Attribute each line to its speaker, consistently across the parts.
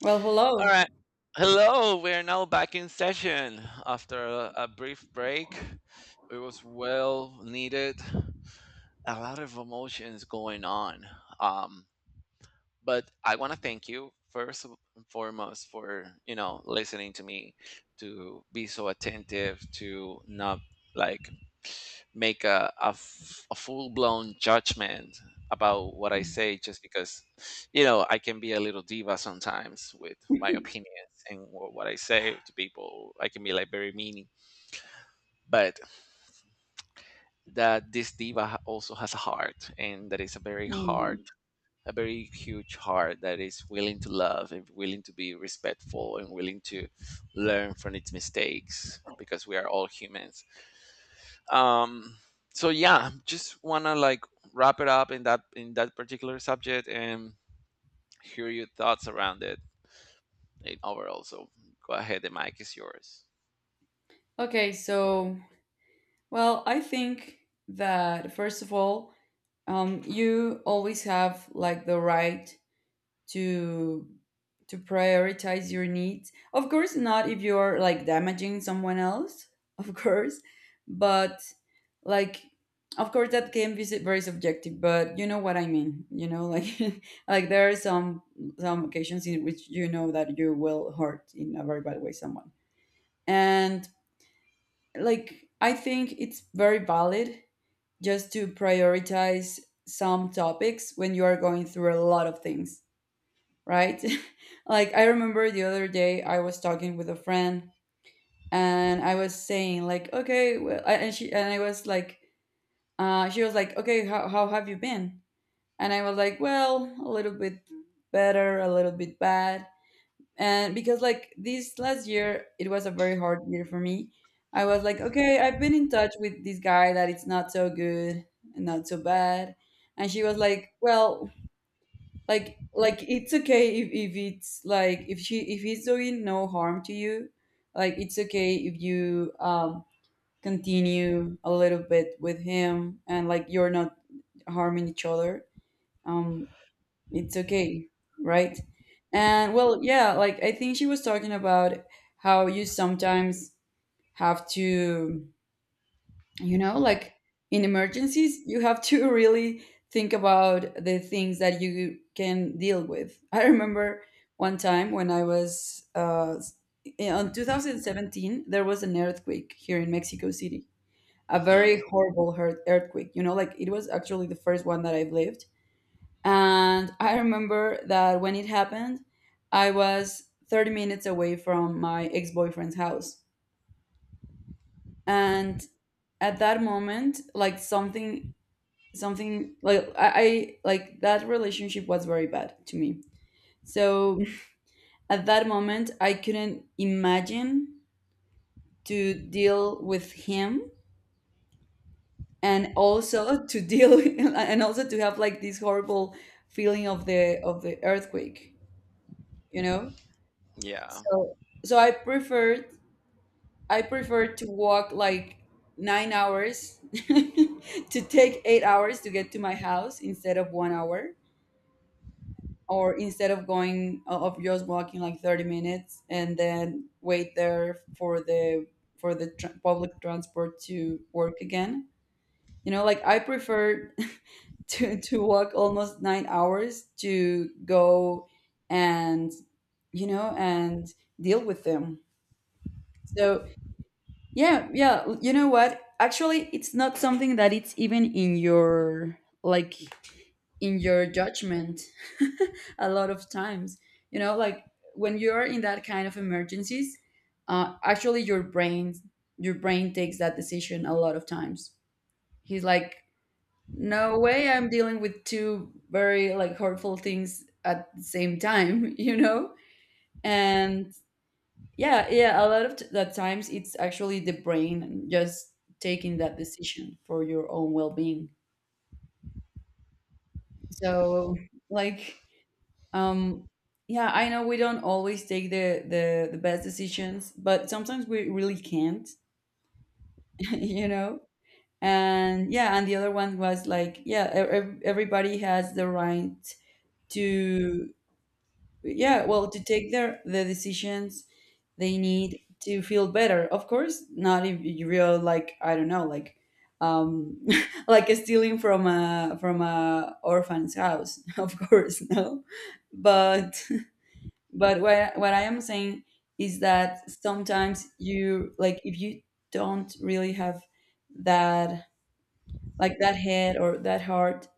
Speaker 1: Well,
Speaker 2: All
Speaker 1: hello.
Speaker 2: right. Hello, we are now back in session after a brief break. It was well needed. A lot of emotions going on. Um, but I want to thank you first and foremost for listening to me, to be so attentive, to not like make a full blown judgment about what I say just because I can be a little diva sometimes with my opinions and what I say to people. I can be like very meaning, but that this diva also has a heart, and that is
Speaker 1: Hmm.
Speaker 2: a very huge heart that is willing to love and willing to be respectful and willing to learn from its mistakes because we are all humans. Um, so yeah, just wanna like wrap it up in that particular subject and hear your thoughts around it in overall. So go ahead, the mic is yours.
Speaker 1: Okay, so, I think that first of all, you always have like the right to to prioritize your needs. Of course, not if you're like damaging someone else, of course, but like of course that can be very subjective, but you know what I mean, you know, like like there are some occasions in which you know that you will hurt in a very bad way someone. And like I think it's very valid just to prioritize some topics when you are going through a lot of things, right. Like I remember the other day I was talking with a friend and I was saying like, okay, well, I- and she and I was like she was like, okay, how have you been? And I was like, well, a little bit better, a little bit bad. And because like this last year it was a very hard year for me, I was like, okay, I've been in touch with this guy that it's not so good and not so bad. And she was like, well, it's okay if it's like if he's doing no harm to you, like it's okay if you continue a little bit with him and like you're not harming each other, um it's okay, right? And well, yeah, like I think she was talking about how you sometimes have to, you know, like in emergencies, you have to really think about the things that you can deal with. I remember one time when I was in 2017, there was an earthquake here in Mexico City, a very
Speaker 2: Hmm.
Speaker 1: horrible earthquake, you know, like it was actually the first one that I've lived. And I remember that when it happened, I was 30 minutes away from my ex boyfriend's house. And at that moment, like something like I like that relationship was very bad to me. So at that moment, I couldn't imagine to deal with him and also to deal and also to have like this horrible feeling of the earthquake, you know?
Speaker 2: Yeah.
Speaker 1: So so I preferred I prefer to walk like 9 hours to take 8 hours to get to my house instead of 1 hour, or instead of going of just walking like 30 minutes and then wait there for the tr public transport to work again. You know, like I prefer to walk almost 9 hours to go and, you know, and deal with them. So yeah, yeah. You know what? Actually, it's not something that it's even in your like in your judgment a lot of times. You know, like when you're in that kind of emergencies, actually your brain takes that decision a lot of times. He's like, no way, I'm dealing with two very like hurtful things at the same time. You know, and yeah, yeah. A lot of the times, it's actually the brain just taking that decision for your own well-being. So, like, um, yeah, I know we don't always take the the best decisions, but sometimes we really can't, you know. And yeah, and the other one was like, yeah, everybody has the right to, yeah, well, to take the decisions they need to feel better. Of course, not if you real like, I don't know, like um like stealing from a orphan's house, of course, no. But but what I am saying is that sometimes you like, if you don't really have that, like that head or that heart,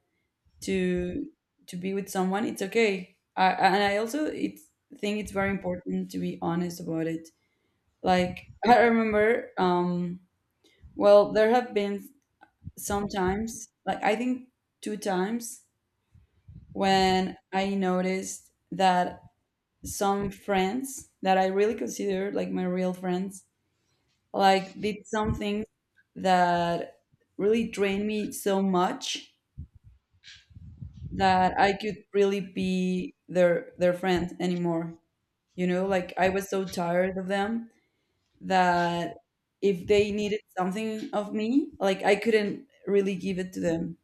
Speaker 1: to to be with someone, it's okay. And I also think it's very important to be honest about it. Like I remember, well, there have been some times, like I think two times, when I noticed that some friends that I really consider like my real friends, like did something that really drained me so much that I could really be their friend anymore. You know, like I was so tired of them that if they needed something of me, like I couldn't really give it to them,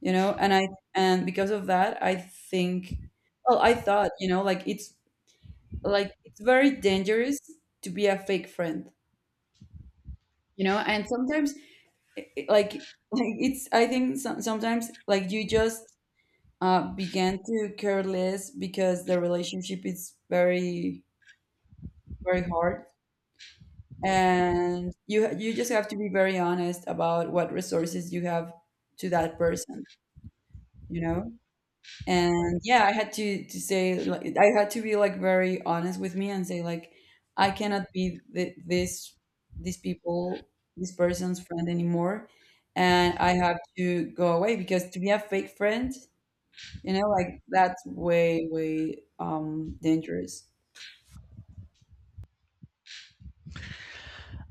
Speaker 1: you know? And because of that, I think, well, I thought, you know, like it's very dangerous to be a fake friend, you know? And sometimes, like like it's, I think sometimes like you just began to care less because the relationship is very very hard, and you just have to be very honest about what resources you have to that person, you know. And yeah, I had to say, like, I had to be like very honest with me and say like, I cannot be th- this these people this Person's friend anymore, and I have to go away. Because to be a fake friend, you know, like that's way dangerous.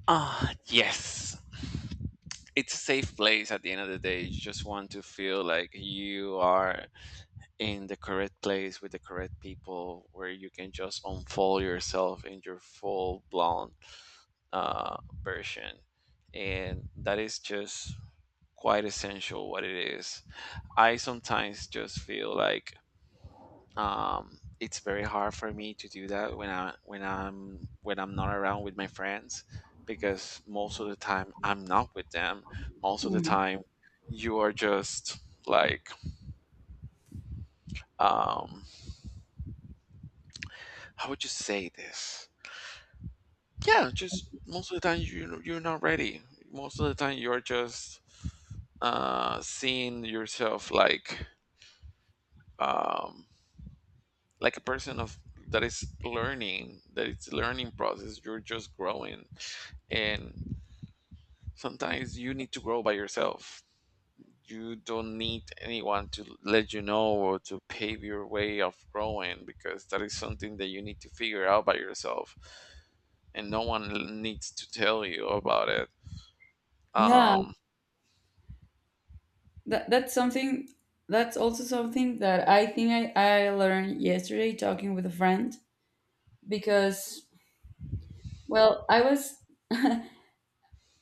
Speaker 2: Ah, yes. It's a safe place at the end of the day. You just want to feel like you are in the correct place with the correct people where you can just unfold yourself in your full blown uh, version, and that is just quite essential what it is. I sometimes just feel like it's very hard for me to do that when I when I'm not around with my friends because most of the time I'm not with them. Most of the
Speaker 1: Hmm.
Speaker 2: time you are just like, um how would you say this? Yeah, just most of the time you're not ready. Most of the time you're just seeing yourself um, like a person of that is learning, that it's a learning process. You're just growing, and sometimes you need to grow by yourself. You don't need anyone to let you know or to pave your way of growing because that is something that you need to figure out by yourself, and no one needs to tell you about it
Speaker 1: Yeah,
Speaker 2: um
Speaker 1: that that's something. That's also something that I think I learned yesterday talking with a friend. Because well, I was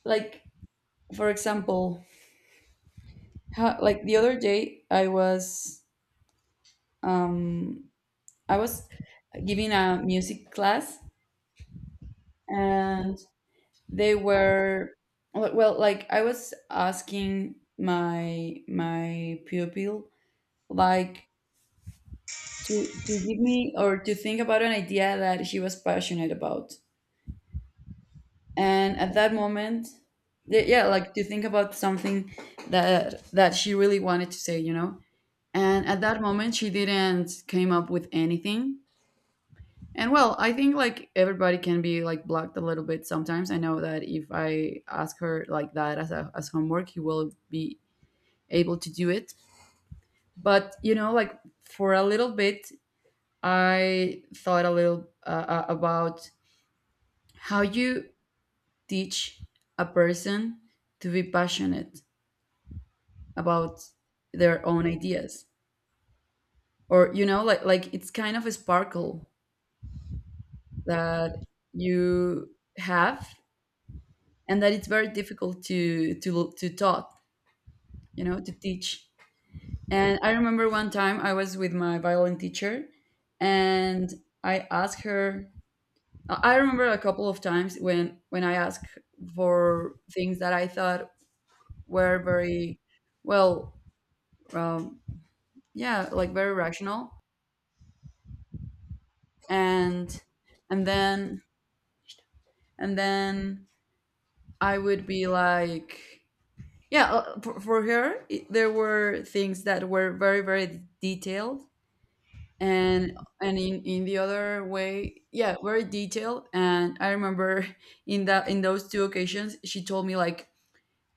Speaker 1: like, for example, how, like the other day I was, um I was giving a music class, and they were, well well, like I was asking my pupil like to give me or to think about an idea that she was passionate about. And at that moment, yeah, like to think about something that she really wanted to say, you know. And at that moment she didn't came up with anything. And well, I think like everybody can be like blocked a little bit sometimes. I know that if I ask her like that as a as homework, he will be able to do it. But you know, like for a little bit I thought a little about how you teach a person to be passionate about their own ideas. Or, you know, like it's kind of a sparkle that you have, and that it's very difficult to taught, you know, to teach. And I remember one time I was with my violin teacher, and I asked her, I remember a couple of times when I asked for things that I thought were very, well, um, yeah, like very rational. And and then and then I would be like, yeah, for her, it, there were things that were very, very detailed, and in the other way, yeah, very detailed. And I remember in that in those two occasions, she told me like,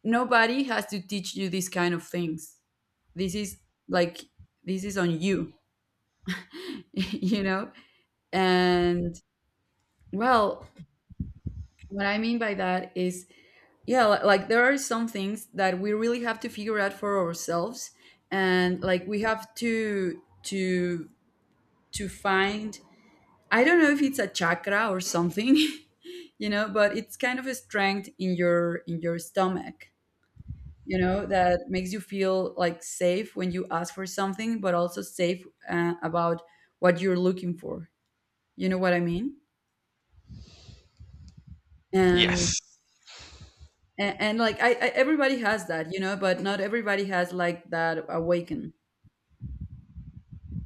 Speaker 1: nobody has to teach you these kind of things. This is like, this is on you, you know. And well, what I mean by that is, yeah, like there are some things that we really have to figure out for ourselves, and like we have to find, I don't know if it's a chakra or something, you know, but it's kind of a strength in your stomach, you know, that makes you feel like safe when you ask for something, but also safe about what you're looking for. You know what I mean? And
Speaker 2: yes,
Speaker 1: like I everybody has that, you know, but not everybody has like that awaken.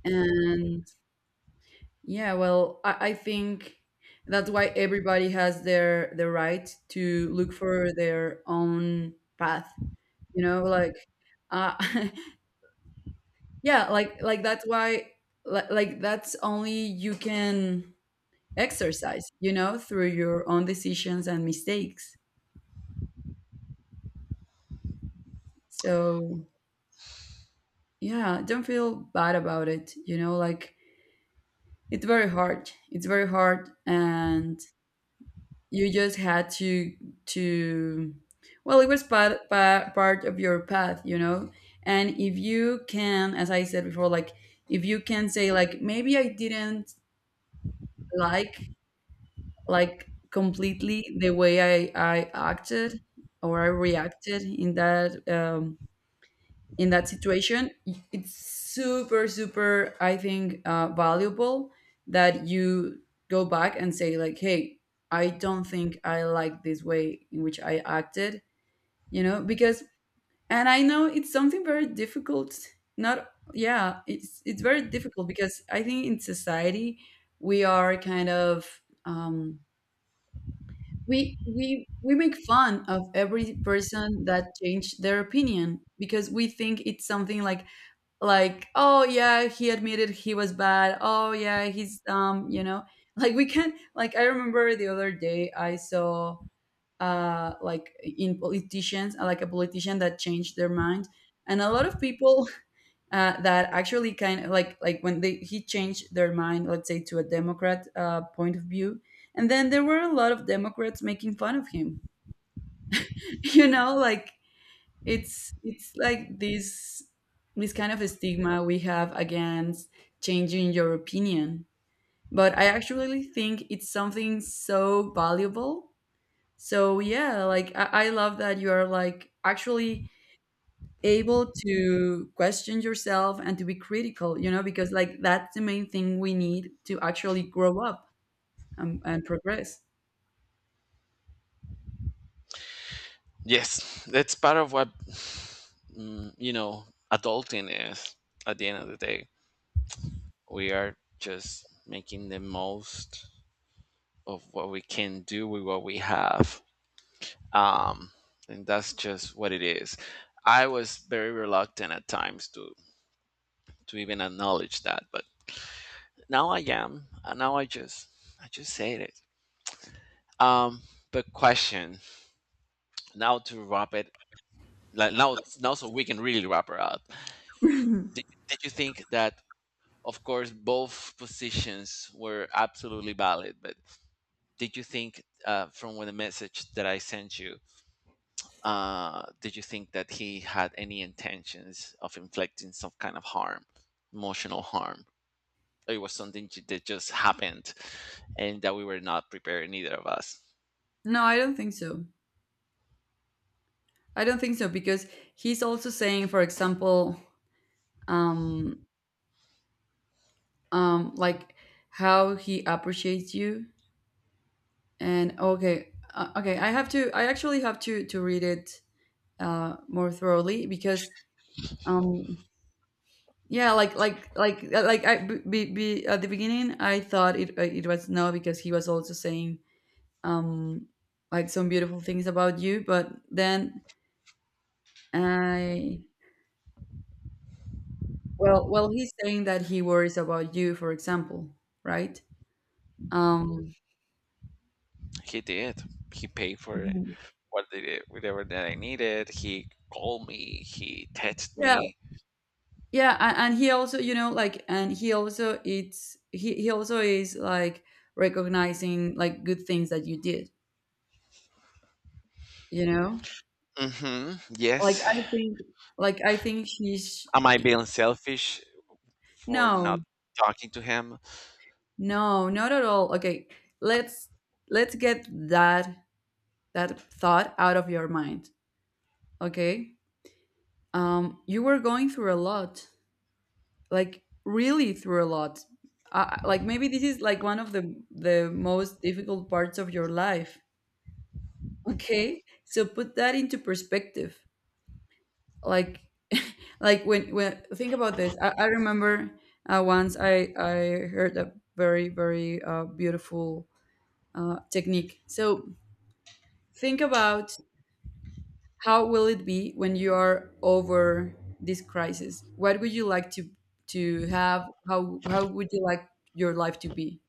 Speaker 1: And yeah, well, I think that's why everybody has the right to look for their own path, you know, like uh yeah, like that's why, like that's only you can exercise, you know, through your own decisions and mistakes. So yeah, don't feel bad about it, you know, like it's very hard, it's very hard, and you just had to to well, it was part of your path, you know. And if you can, as I said before, like, if you can say like, maybe I didn't like like completely, the way I acted or I reacted in that situation, it's super super, I think, valuable that you go back and say like, hey, I don't think I like this way in which I acted. You know, because, and I know it's something very difficult. Not, yeah, it's very difficult because I think in society we are kind of, we we make fun of every person that changed their opinion, because we think it's something like, oh yeah, he admitted he was bad, oh yeah, he's, you know, like we can, like I remember the other day I saw, like in politicians, like a politician that changed their mind. And a lot of people, that actually kind of like when they he changed their mind, let's say to a democrat point of view, and then there were a lot of democrats making fun of him. You know, like it's like this kind of stigma we have against Changing your opinion, but I actually think it's something so valuable. So yeah, like I love that you are like actually able to question yourself and to be critical, you know, because like that's the main thing we need to actually grow up and progress.
Speaker 2: yes, that's part of what, mm, you know adulting is at the end of the day. We are just making the most of what we can do with what we have, um and that's just what it is. I was very reluctant at times to even acknowledge that, but now I am, and now I just said it um but question, now to wrap it, like now so we can really wrap it up.
Speaker 1: No,
Speaker 2: Did you think that, of course, both positions were absolutely valid, but did you think, from the message that I sent you, did you think that he had any intentions of inflicting some kind of harm, emotional harm? Or it was something that just happened, and that we were not prepared, neither of us.
Speaker 1: I don't think so. I don't think so because he's also saying, for example, um like how he appreciates you. And okay, okay, I actually have to read it more thoroughly because um yeah, like at the beginning I thought it was no because he was also saying um like some beautiful things about you, but then I well he's saying that he worries about you, for example, right? um
Speaker 2: He did. He paid for it.
Speaker 1: Mhm.
Speaker 2: Whatever that I needed. He called me. He texted me.
Speaker 1: Yeah, and he also, you know, like, and he also it's he also is like recognizing like good things that you did, you know.
Speaker 2: Mm-hmm.
Speaker 1: Like
Speaker 2: Yes.
Speaker 1: I think, like I think he's
Speaker 2: Am I being selfish for not
Speaker 1: no,
Speaker 2: talking to him?
Speaker 1: no, not at all. Okay, let's let's get that that thought out of your mind. Okay. You were going through a lot, like really through a lot. Like maybe this is like one of the most difficult parts of your life. Okay, so put that into perspective. Like, like when think about this, I remember once I heard a very beautiful technique. So think about how will it be when you are over this crisis. What would you like to have? How would you like your life to be?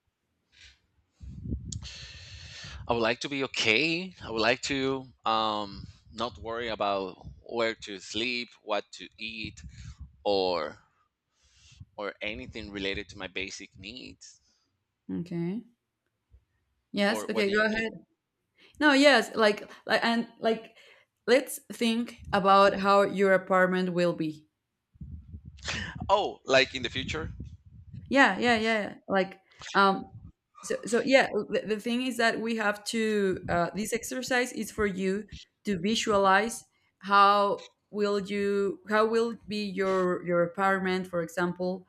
Speaker 2: I would like to be okay. I would like to not worry about where to sleep, what to eat, or anything related to my basic needs.
Speaker 1: Okay. Yes.
Speaker 2: Or what
Speaker 1: Okay.
Speaker 2: do you
Speaker 1: Go
Speaker 2: mean?
Speaker 1: ahead. No, yes, like, let's think about how your apartment will be.
Speaker 2: Oh, like in the future?
Speaker 1: Yeah, yeah, yeah, yeah. Like, um, so, so yeah, the thing is that we have to, this exercise is for you to visualize how will be your apartment, for example,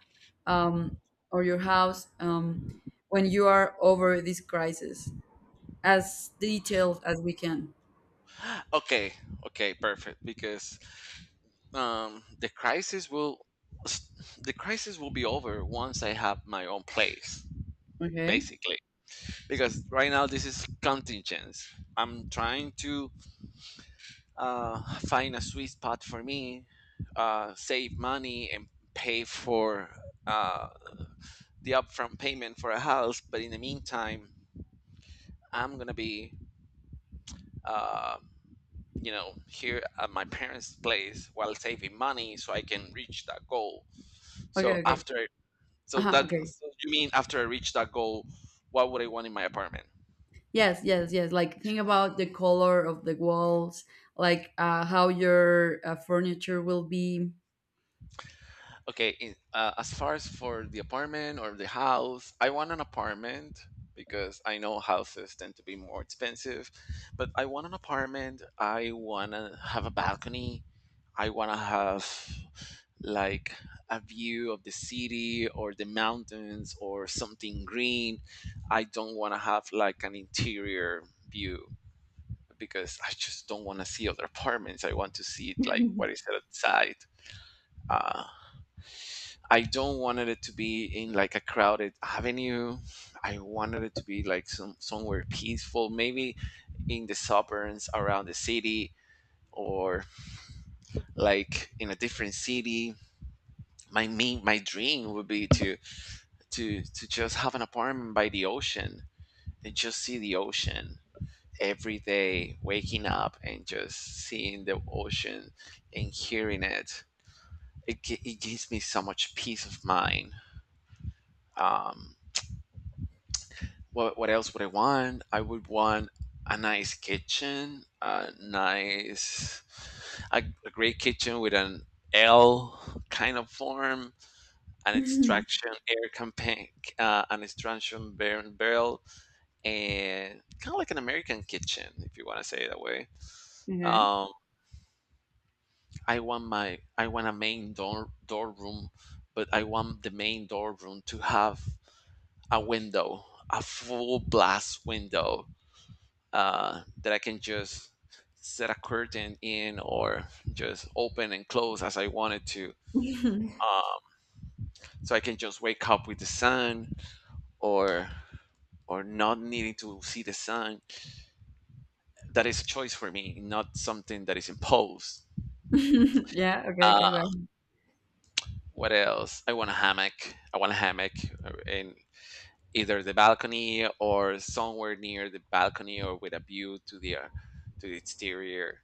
Speaker 1: um, or your house, when you are over this crisis as detailed as we can.
Speaker 2: Okay, okay, perfect. Because um, the crisis will the crisis will be over once I have my own place,
Speaker 1: Okay.
Speaker 2: basically. Because right now this is contingence. I'm trying to find a sweet spot for me, save money, and pay for uh, the upfront payment for a house. But in the meantime, I'm gonna be, uh, here at my parents' place while saving money so I can reach that goal.
Speaker 1: Okay.
Speaker 2: So
Speaker 1: Okay.
Speaker 2: after,
Speaker 1: Uh huh. Okay.
Speaker 2: so you mean after I reach that goal, what would I want in my apartment?
Speaker 1: Yes, yes, yes. Like think about the color of the walls, like how your furniture will be.
Speaker 2: Okay, as far as for the apartment or the house, I want an apartment because I know houses tend to be more expensive, but I want an apartment. I want to have a balcony. I want to have like a view of the city or the mountains or something green. I don't want to have like an interior view because I just don't want to see other apartments. I want to see like what is outside. Uh, I don't wanted it to be in like a crowded avenue. I wanted it to be like somewhere peaceful, maybe in the suburbs around the city or like in a different city. My dream would be to just have an apartment by the ocean and just see the ocean every day, waking up and just seeing the ocean and hearing it. It gives me so much peace of mind. Um, what else would I want? I would want a nice kitchen, a great kitchen with an L kind of form, an extraction air campaign, an extraction barrel, and kind of like an American kitchen, if you want to say it that way.
Speaker 1: Okay.
Speaker 2: Um, I want a main door room, but I want the main door room to have a window, a full blast window, that I can just set a curtain in or just open and close as I wanted to. So I can just wake up with the sun or not needing to see the sun. That is a choice for me, not something that is imposed.
Speaker 1: Yeah. Okay. Okay. Go
Speaker 2: Uh,
Speaker 1: ahead.
Speaker 2: what else? I want a hammock. I want a hammock, in either the balcony or somewhere near the balcony or with a view to the exterior.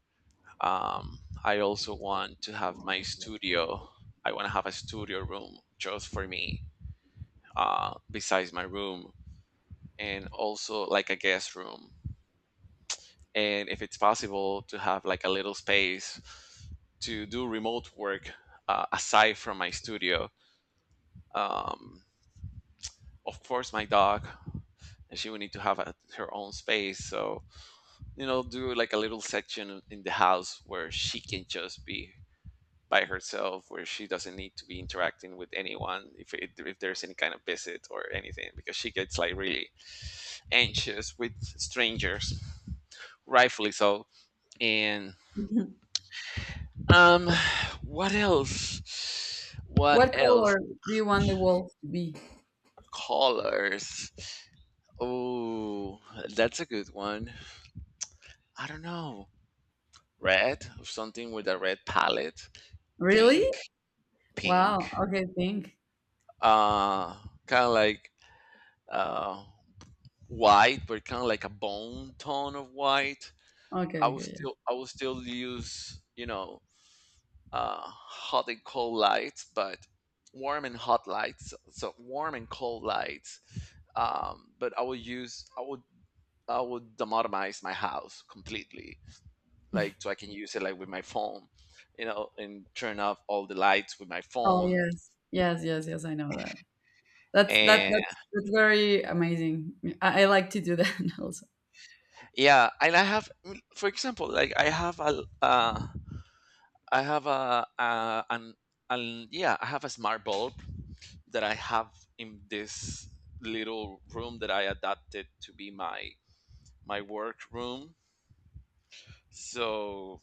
Speaker 2: I also want to have my studio. I want to have a studio room just for me, besides my room, and also like a guest room. And if it's possible to have like a little space to do remote work, aside from my studio. Um, of course, my dog, and she would need to have her own space. So, do like a little section in the house where she can just be by herself where she doesn't need to be interacting with anyone if there's any kind of visit or anything because she gets like really anxious with strangers, rightfully so. And um what else, what
Speaker 1: What
Speaker 2: else?
Speaker 1: color do you want the walls to be?
Speaker 2: Colors? Oh, that's a good one. I don't know. Red, something with a red palette.
Speaker 1: Really?
Speaker 2: Pink,
Speaker 1: Wow.
Speaker 2: pink.
Speaker 1: Okay. Think.
Speaker 2: uh kind of like, uh white, but kind of like a bone tone of white.
Speaker 1: Okay. Okay. Yeah.
Speaker 2: I would still use, hot and cold lights, but warm and hot lights. So warm and cold lights. But I would demotomize my house completely, like so I can use it like with my phone, and turn off all the lights with my
Speaker 1: Oh
Speaker 2: phone.
Speaker 1: yes. Yes. Yes. Yes. I know that. That's that.
Speaker 2: And
Speaker 1: That's very amazing. I like to do that also.
Speaker 2: yeah, and I have, for example, like I have I have a, a an, a smart bulb that I have in this little room that I adapted to be my work room. So,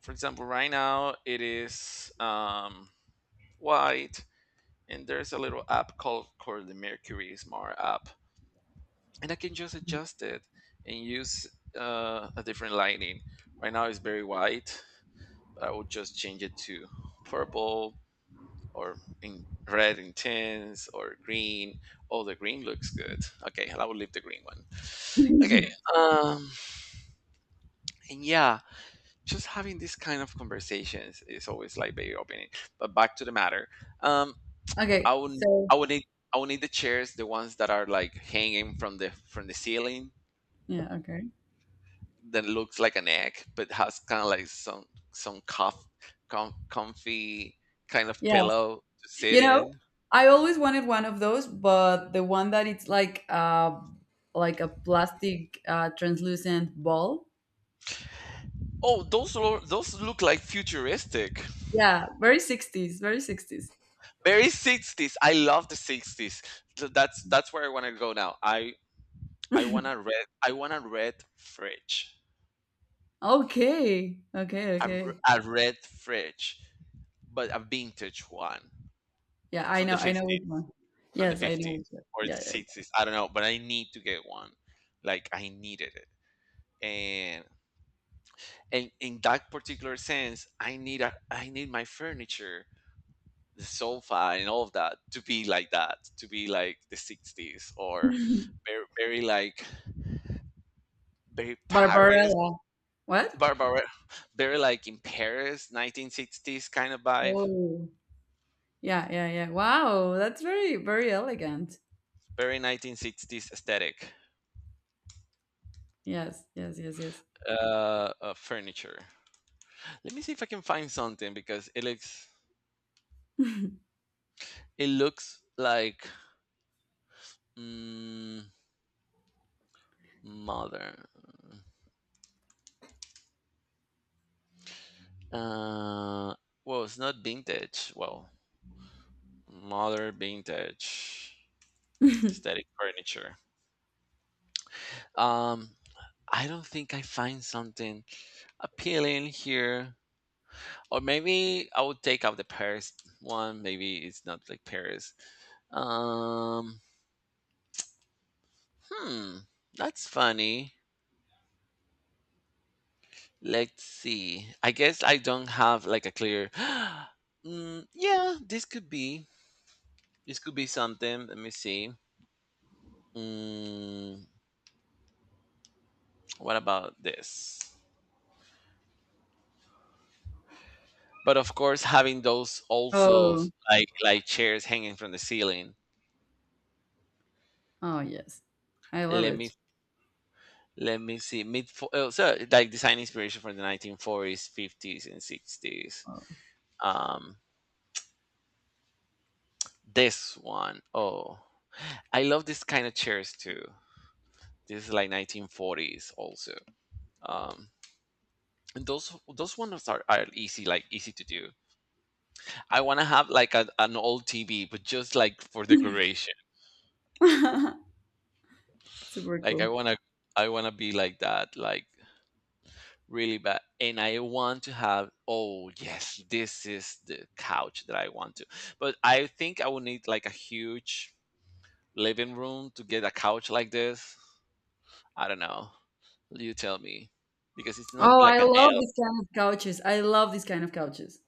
Speaker 2: for example, right now it is white, and there's a little app called the Mercury Smart app, and I can just adjust it and use, a different lighting. Right now it's very white, but I will just change it to purple or in red intense or green. Oh, the green looks good. Okay, I will leave the green one. Okay, um, and yeah, just having this kind of conversations is always like very opening. But back to the matter, um,
Speaker 1: Okay.
Speaker 2: I would
Speaker 1: So
Speaker 2: I would need need the chairs, the ones that are like hanging from the ceiling
Speaker 1: yeah. Okay.
Speaker 2: that looks like an egg, but has kind of like some cuff, comfy kind of
Speaker 1: Yeah.
Speaker 2: pillow to sit
Speaker 1: You know,
Speaker 2: in.
Speaker 1: I always wanted one of those, but the one that it's like a plastic translucent ball.
Speaker 2: Oh, those look like futuristic.
Speaker 1: Yeah, very 60s, very 60s.
Speaker 2: Very 60s. I love the 60s. That's where I want to go now. I want a red fridge.
Speaker 1: Okay. Okay,
Speaker 2: A,
Speaker 1: okay.
Speaker 2: r- a red fridge, but a vintage one
Speaker 1: Yeah,
Speaker 2: from the
Speaker 1: I know which
Speaker 2: 50s,
Speaker 1: one.
Speaker 2: from the
Speaker 1: Yes, I know
Speaker 2: 50s
Speaker 1: which one.
Speaker 2: or the
Speaker 1: Yeah, yeah,
Speaker 2: 60s. I don't know, but I need to get one. Like I needed it. And and in that particular sense, I need my furniture, the sofa and all of that, to be like that, to be like the 60s or
Speaker 1: yeah.
Speaker 2: very, very like very Paris
Speaker 1: Barbarella. What?
Speaker 2: Barbara, very like in Paris 1960s kind of vibe,
Speaker 1: Oh. Yeah, yeah, yeah. Wow, that's very elegant.
Speaker 2: very 1960s aesthetic,
Speaker 1: Yes, yes, yes, yes.
Speaker 2: furniture. Let me see if I can find something because it looks like, mm, modern, uh well, it's not vintage, well, modern vintage aesthetic furniture. Um, I don't think I find something appealing here. Or maybe I would take out the Paris one. Maybe it's not like Paris. Um, hmm, that's funny. Let's see. I guess I don't have like a clear. Mm, yeah, this could be. This could be something. Let me see. Mm, what about this? But of course, having those also
Speaker 1: Oh.
Speaker 2: like chairs hanging from the ceiling.
Speaker 1: Oh, yes. I love
Speaker 2: Let me
Speaker 1: it.
Speaker 2: Let me see. Oh, so like design inspiration from the 1940s, 50s, and 60s.
Speaker 1: Oh.
Speaker 2: Um, this one. Oh, I love this kind of chairs too. This is like 1940s also. Um, and those ones are easy, like easy to do. I want to have like a, an old TV, but just like for decoration.
Speaker 1: Super
Speaker 2: Like I
Speaker 1: cool.
Speaker 2: wanna I wanna be like that, like really bad, and I want to have, oh yes, this is the couch that I want to, but I think I would need like a huge living room to get a couch like this. I don't know, you tell me, because it's
Speaker 1: Oh,
Speaker 2: not
Speaker 1: I
Speaker 2: like an
Speaker 1: love
Speaker 2: L,
Speaker 1: this kind of couches. I love this kind of couches.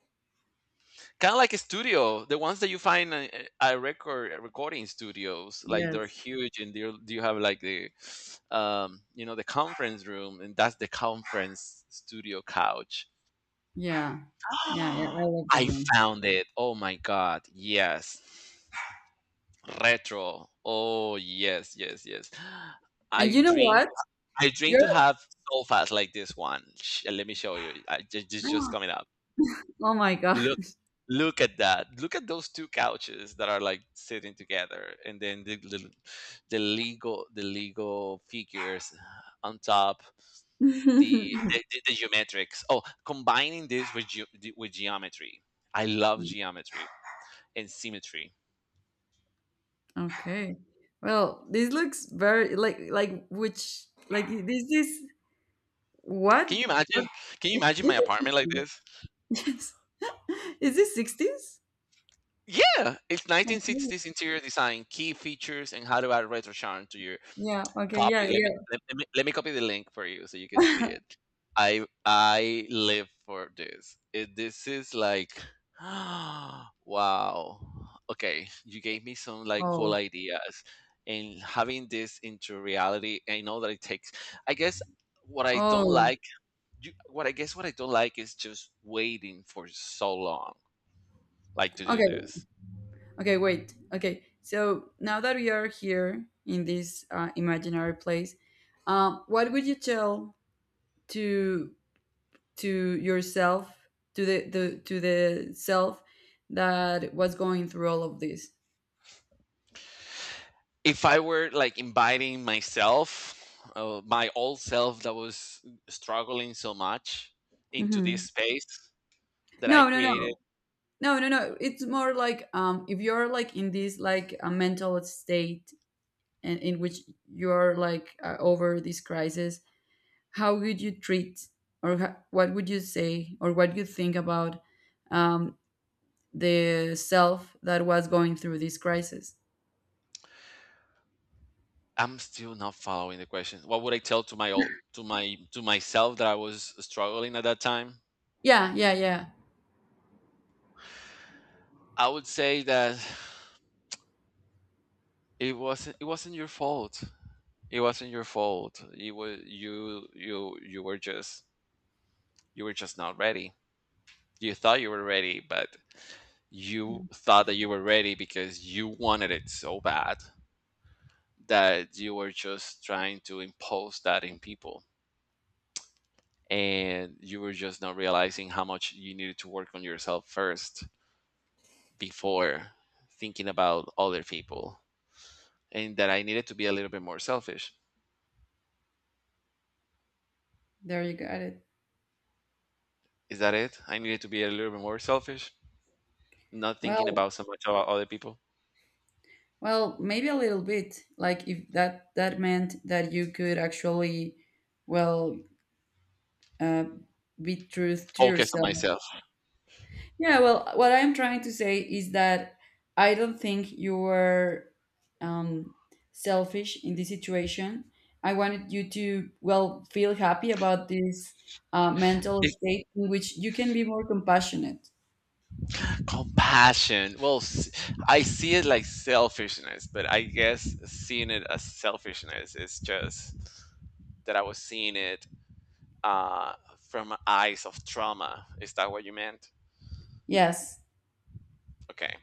Speaker 2: kind of like a studio, the ones that you find, a recording studios, like they're
Speaker 1: Yes.
Speaker 2: huge, and they do you have like the, you know, the conference room, and that's the conference studio couch.
Speaker 1: Yeah. Yeah, yeah, I love these
Speaker 2: I
Speaker 1: ones.
Speaker 2: Found it. Oh my god. Yes. Retro. Oh yes, yes, yes.
Speaker 1: And
Speaker 2: I
Speaker 1: you know
Speaker 2: dream
Speaker 1: what?
Speaker 2: I dream
Speaker 1: You're
Speaker 2: to have sofas like this one. Let me show you. I just
Speaker 1: Oh
Speaker 2: coming up.
Speaker 1: my God.
Speaker 2: Look Look at that. Look at those two couches that are like sitting together, and then the Lego figures on top. The, the geometrics. Oh, combining this with with geometry. I love geometry and symmetry.
Speaker 1: Okay. Well, this looks very like this is what?
Speaker 2: Can you
Speaker 1: What?
Speaker 2: imagine? Can you
Speaker 1: It,
Speaker 2: imagine my
Speaker 1: this is
Speaker 2: apartment like
Speaker 1: 60s.
Speaker 2: this?
Speaker 1: Yes. Is this 60s?
Speaker 2: Yeah, it's
Speaker 1: Okay.
Speaker 2: 1960s interior design, key features, and how to add retro charm to your
Speaker 1: Yeah, okay.
Speaker 2: copy.
Speaker 1: Yeah,
Speaker 2: Let me copy the link for you so you can see
Speaker 1: yeah.
Speaker 2: it. I live for this. It, this is like, wow. Okay, you gave me some like cool
Speaker 1: Oh.
Speaker 2: ideas, and having this into reality. I know that it takes. I guess what I don't
Speaker 1: Oh.
Speaker 2: like you, what I guess what I don't like is just waiting for so long, like to do
Speaker 1: Okay.
Speaker 2: this.
Speaker 1: Okay, wait. Okay, so now that we are here in this imaginary place, what would you tell to to yourself, to the self that was going through all of this?
Speaker 2: If I were like inviting myself, my old self that was struggling so much into this
Speaker 1: Hmm.
Speaker 2: space that I
Speaker 1: No, no,
Speaker 2: created.
Speaker 1: no, no, no, no. It's more like, if you're like in this like a mental state and in which you're like over this crisis, how would you treat or ho- what would you say or what you think about, um, the self that was going through this crisis.
Speaker 2: I'm still not following the question. What would I tell to my old, to my to myself that I was struggling at that time?
Speaker 1: Yeah, yeah, yeah.
Speaker 2: I would say that it wasn't your fault. It wasn't your fault. It was, you were just, you were just not ready. You thought you were ready, but you thought that you were ready because you wanted it so bad that you were just trying to impose that in people. And you were just not realizing how much you needed to work on yourself first before thinking about other people. And that I needed to be a little bit more selfish.
Speaker 1: There you got it.
Speaker 2: Is that it? I needed to be a little bit more selfish, not thinking
Speaker 1: Well,
Speaker 2: about so much about other people,
Speaker 1: well, maybe a little bit. Like if that that meant that you could actually, well, uh, be truth to
Speaker 2: focus on
Speaker 1: yourself.
Speaker 2: myself.
Speaker 1: Yeah. Well, what I'm trying to say is that I don't think you were, um, selfish in this situation. I wanted you to well feel happy about this mental state in which you can be more compassionate.
Speaker 2: Compassion. I see it like selfishness, but I guess seeing it as selfishness is just that I was seeing it, uh, from eyes of trauma. Is that what you meant?
Speaker 1: Yes.
Speaker 2: Okay,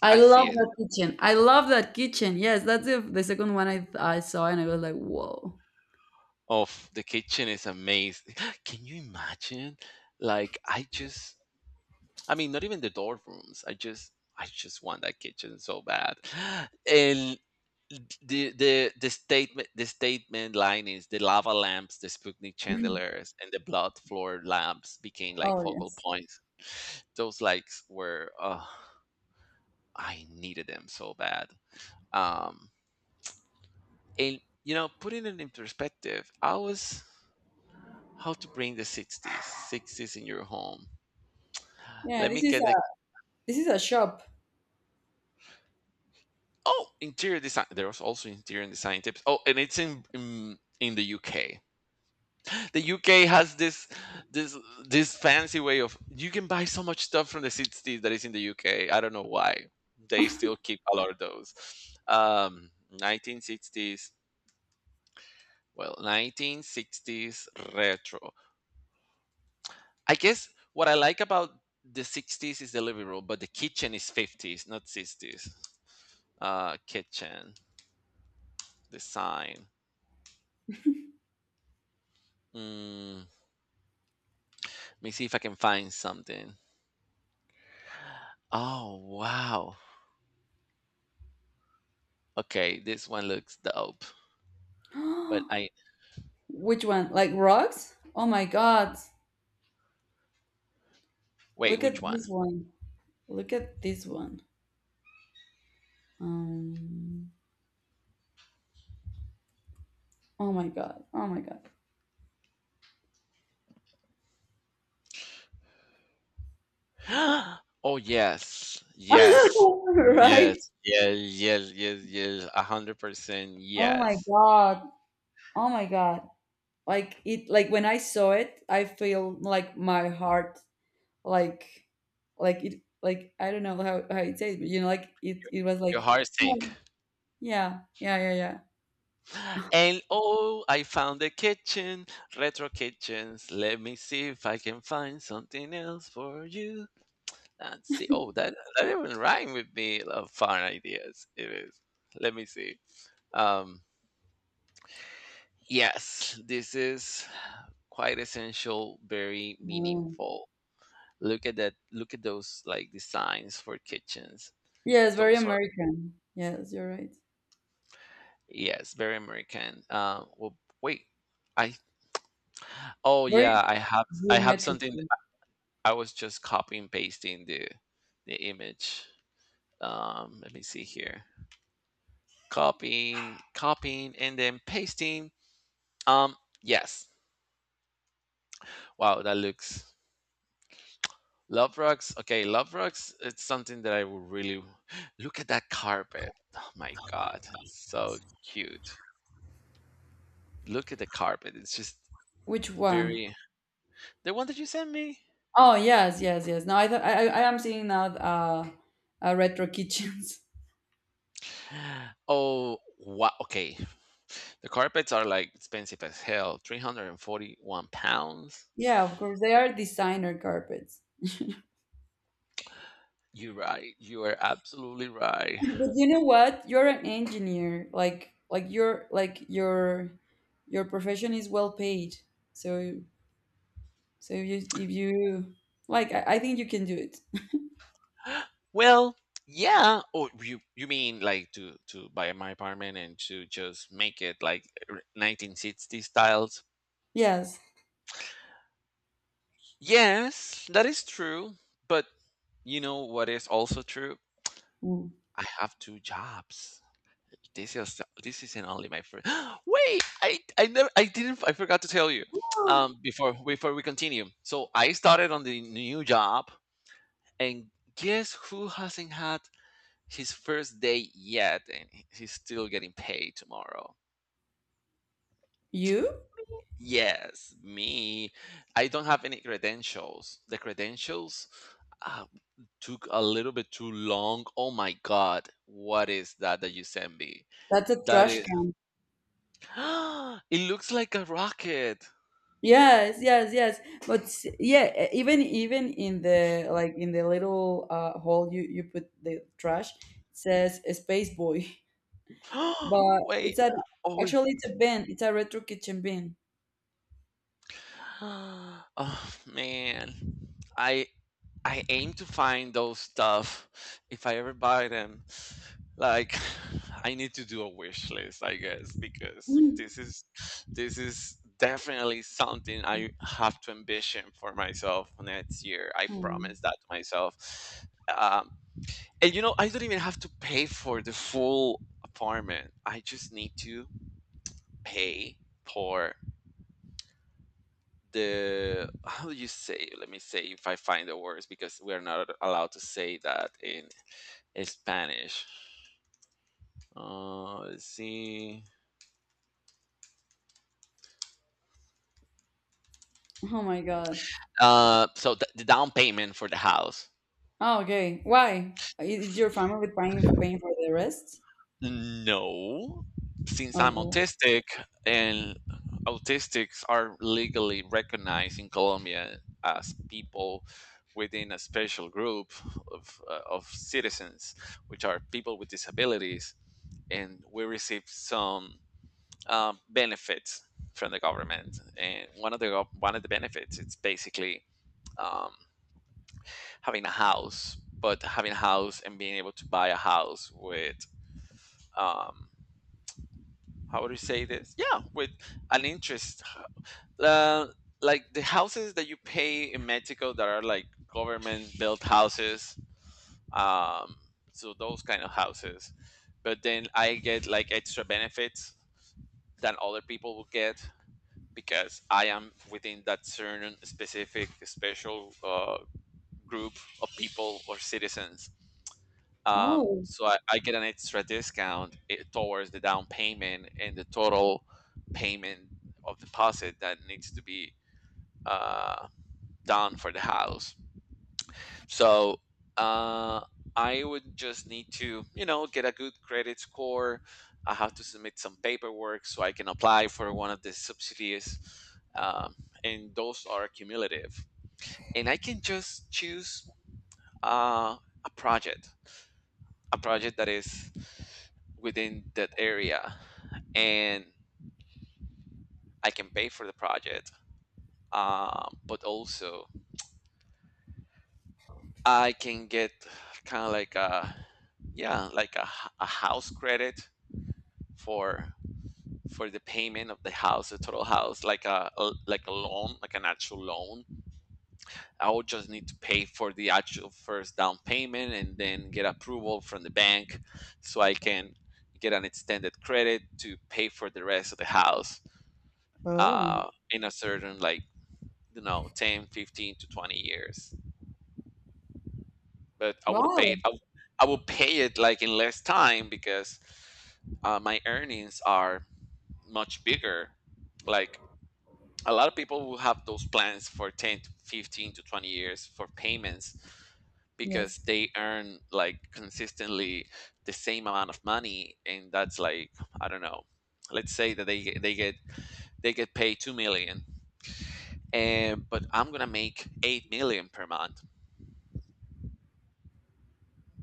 Speaker 1: I
Speaker 2: I see
Speaker 1: love
Speaker 2: it.
Speaker 1: that kitchen. I love that kitchen. Yes, that's the second one I saw and I was like, whoa.
Speaker 2: Of the kitchen is amazing. Can you imagine? Like I just, I mean, not even the dorm rooms. I just want that kitchen so bad. And the statement line is the lava lamps, the Sputnik chandeliers, and the blood floor lamps became like
Speaker 1: Oh,
Speaker 2: focal
Speaker 1: yes.
Speaker 2: points. Those likes were, I needed them so bad. Um, and you know, putting it in perspective, I was how to bring the sixties in your home.
Speaker 1: Yeah,
Speaker 2: Let me get the
Speaker 1: this is a shop.
Speaker 2: Oh, interior design. There was also interior design tips. Oh, and it's in the UK. The UK has this this fancy way of you can buy so much stuff from the 60s that is in the UK. I don't know why they still keep a lot of those. Um, 1960s, well, 1960s retro. I guess what I like about the 60s is the living room, but the kitchen is 50s, not 60s. Kitchen design. Let me see if I can find something. Oh wow. Okay, this one looks dope, but I,
Speaker 1: Which one? Like rocks? Oh my God.
Speaker 2: wait,
Speaker 1: Look at
Speaker 2: which
Speaker 1: this
Speaker 2: one?
Speaker 1: one. Look at this one. Um, oh my God. Oh my God.
Speaker 2: Oh, Yes. Yes.
Speaker 1: Right?
Speaker 2: Yes, yes, yes, yes, yes. 100%
Speaker 1: Oh my
Speaker 2: yes.
Speaker 1: God. Oh my God. Like it, like when I saw it, I feel like my heart like like it like I don't know how it says, but you know, like it was
Speaker 2: Your
Speaker 1: like
Speaker 2: heart
Speaker 1: oh,
Speaker 2: sink.
Speaker 1: yeah, yeah, yeah, yeah.
Speaker 2: And oh, I found the kitchen, retro kitchens. Let me see if I can find something else for you. Let's see. Oh, that that even rhyme with me. Love fun ideas. It is. Let me see. Um, yes, this is quite essential, very
Speaker 1: Mm.
Speaker 2: meaningful. Look at that. Look at those like designs for kitchens.
Speaker 1: Yes, very
Speaker 2: Those are,
Speaker 1: American. Yes, you're right.
Speaker 2: yes, very American. Well, wait, I, oh
Speaker 1: Very
Speaker 2: yeah, I have something.
Speaker 1: geometrical.
Speaker 2: I was just copying pasting the image. Let me see here. Copying, copying, and then pasting. Um, yes. Wow, that looks love rugs. Okay, love rugs. It's something that I would really, look at that carpet. Oh my god, it's so cute. Look at the carpet. It's just
Speaker 1: Which one?
Speaker 2: very, the one that you sent me?
Speaker 1: Oh yes, yes, yes. No, I am seeing now retro kitchens.
Speaker 2: Oh, wow. Okay. The carpets are like expensive as hell. £341.
Speaker 1: Yeah, of course they are designer carpets.
Speaker 2: You're right. You are absolutely right.
Speaker 1: But you know what? You're an engineer. Like your profession is well paid. So so if you like, I think you can do it.
Speaker 2: Well, yeah. Oh, you mean like to buy my apartment and to just make it like 1960 styles?
Speaker 1: Yes.
Speaker 2: Yes, that is true. But you know what is also true?
Speaker 1: Mm.
Speaker 2: I have two jobs. This is this isn't only my first. Wait, I never I didn't I forgot to tell you. Um, before before we continue, so I started on the new job, and guess who hasn't had his first day yet, and he's still getting paid tomorrow.
Speaker 1: You?
Speaker 2: Yes, me. I don't have any credentials. The credentials, uh, took a little bit too long. Oh my God, what is that that you sent me?
Speaker 1: That's a
Speaker 2: That
Speaker 1: trash
Speaker 2: is,
Speaker 1: can.
Speaker 2: it looks like a rocket.
Speaker 1: Yes, yes, yes. But s- yeah, e- even even in the like in the little hole you you put the trash, it says a space boy, but
Speaker 2: Wait.
Speaker 1: it's a
Speaker 2: Oh.
Speaker 1: actually it's a bin. It's a retro kitchen bin.
Speaker 2: Oh man. I I aim to find those stuff if I ever buy them. Like I need to do a wish list, I guess, because
Speaker 1: Mm.
Speaker 2: this is, this is definitely something I have to ambition for myself next year. I
Speaker 1: Oh,
Speaker 2: promise that to myself. Um, and you know, I don't even have to pay for the full apartment. I just need to pay for the, how do you say, let me say if I find the words, because we are not allowed to say that in Spanish. Let's see.
Speaker 1: oh my god.
Speaker 2: So the down payment for the house.
Speaker 1: Oh, okay. Why? I- Is your family paying paying for the rest?
Speaker 2: No, since I'm
Speaker 1: Okay.
Speaker 2: autistic, and autistics are legally recognized in Colombia as people within a special group of citizens, which are people with disabilities, and we receive some, benefits from the government, and one of the one of the benefits, it's basically, um, having a house, but having a house and being able to buy a house with, um, how would you say this? Yeah, with an interest. Uh, like the houses that you pay in Mexico that are like government built houses, um, so those kind of houses. But then I get like extra benefits than other people will get because I am within that certain specific special, group of people or citizens.
Speaker 1: Oh.
Speaker 2: So I get an extra discount, eh, towards the down payment and the total payment of deposit that needs to be, uh, done for the house. So, uh, I would just need to, you know, get a good credit score. I have to submit some paperwork so I can apply for one of the subsidies, um, and those are cumulative. And I can just choose, uh, a project, a project that is within that area, and I can pay for the project. But also, I can get kind of like a, yeah, like a, a house credit for for the payment of the house, the total house, like a like a loan, like an actual loan. I would just need to pay for the actual first down payment and then get approval from the bank so I can get an extended credit to pay for the rest of the house,
Speaker 1: Oh.
Speaker 2: in a certain like, you know, 10, 15 to 20 years, but
Speaker 1: Wow.
Speaker 2: I would pay it like in less time because, my earnings are much bigger, like a lot of people will have those plans for 10 to 15 to 20 years for payments because
Speaker 1: Yes.
Speaker 2: they earn like consistently the same amount of money, and that's like, I don't know, let's say that they get- they get they get paid 2 million, and but I'm gonna make 8 million per month,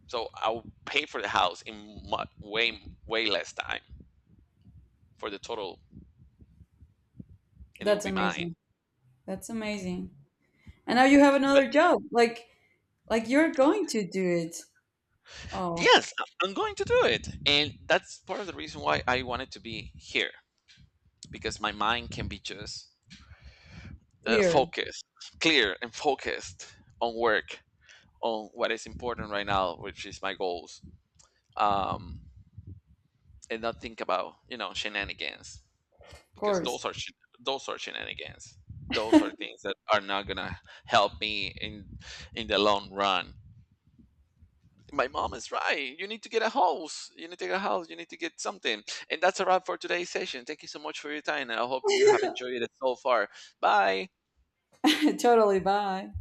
Speaker 2: so I'll pay for the house in way, way less time for the total, and it will
Speaker 1: That's
Speaker 2: be mine.
Speaker 1: amazing. That's amazing. And now you have
Speaker 2: But
Speaker 1: another job. Like you're going to do it. Oh,
Speaker 2: yes, I- I'm going to do it, and that's part of the reason why I wanted to be here, because my mind can be just,
Speaker 1: clear.
Speaker 2: focused, clear, and focused on work, on what is important right now, which is my goals, um, and not think about, you know, shenanigans,
Speaker 1: Of
Speaker 2: because
Speaker 1: course.
Speaker 2: those are those are shenanigans. Those are things that are not gonna help me in the long run. My mom is right. You need to get a house. You need to get a house. You need to get something. And that's a wrap for today's session. Thank you so much for your time. I hope you have enjoyed it so far. Bye.
Speaker 1: Totally. Bye.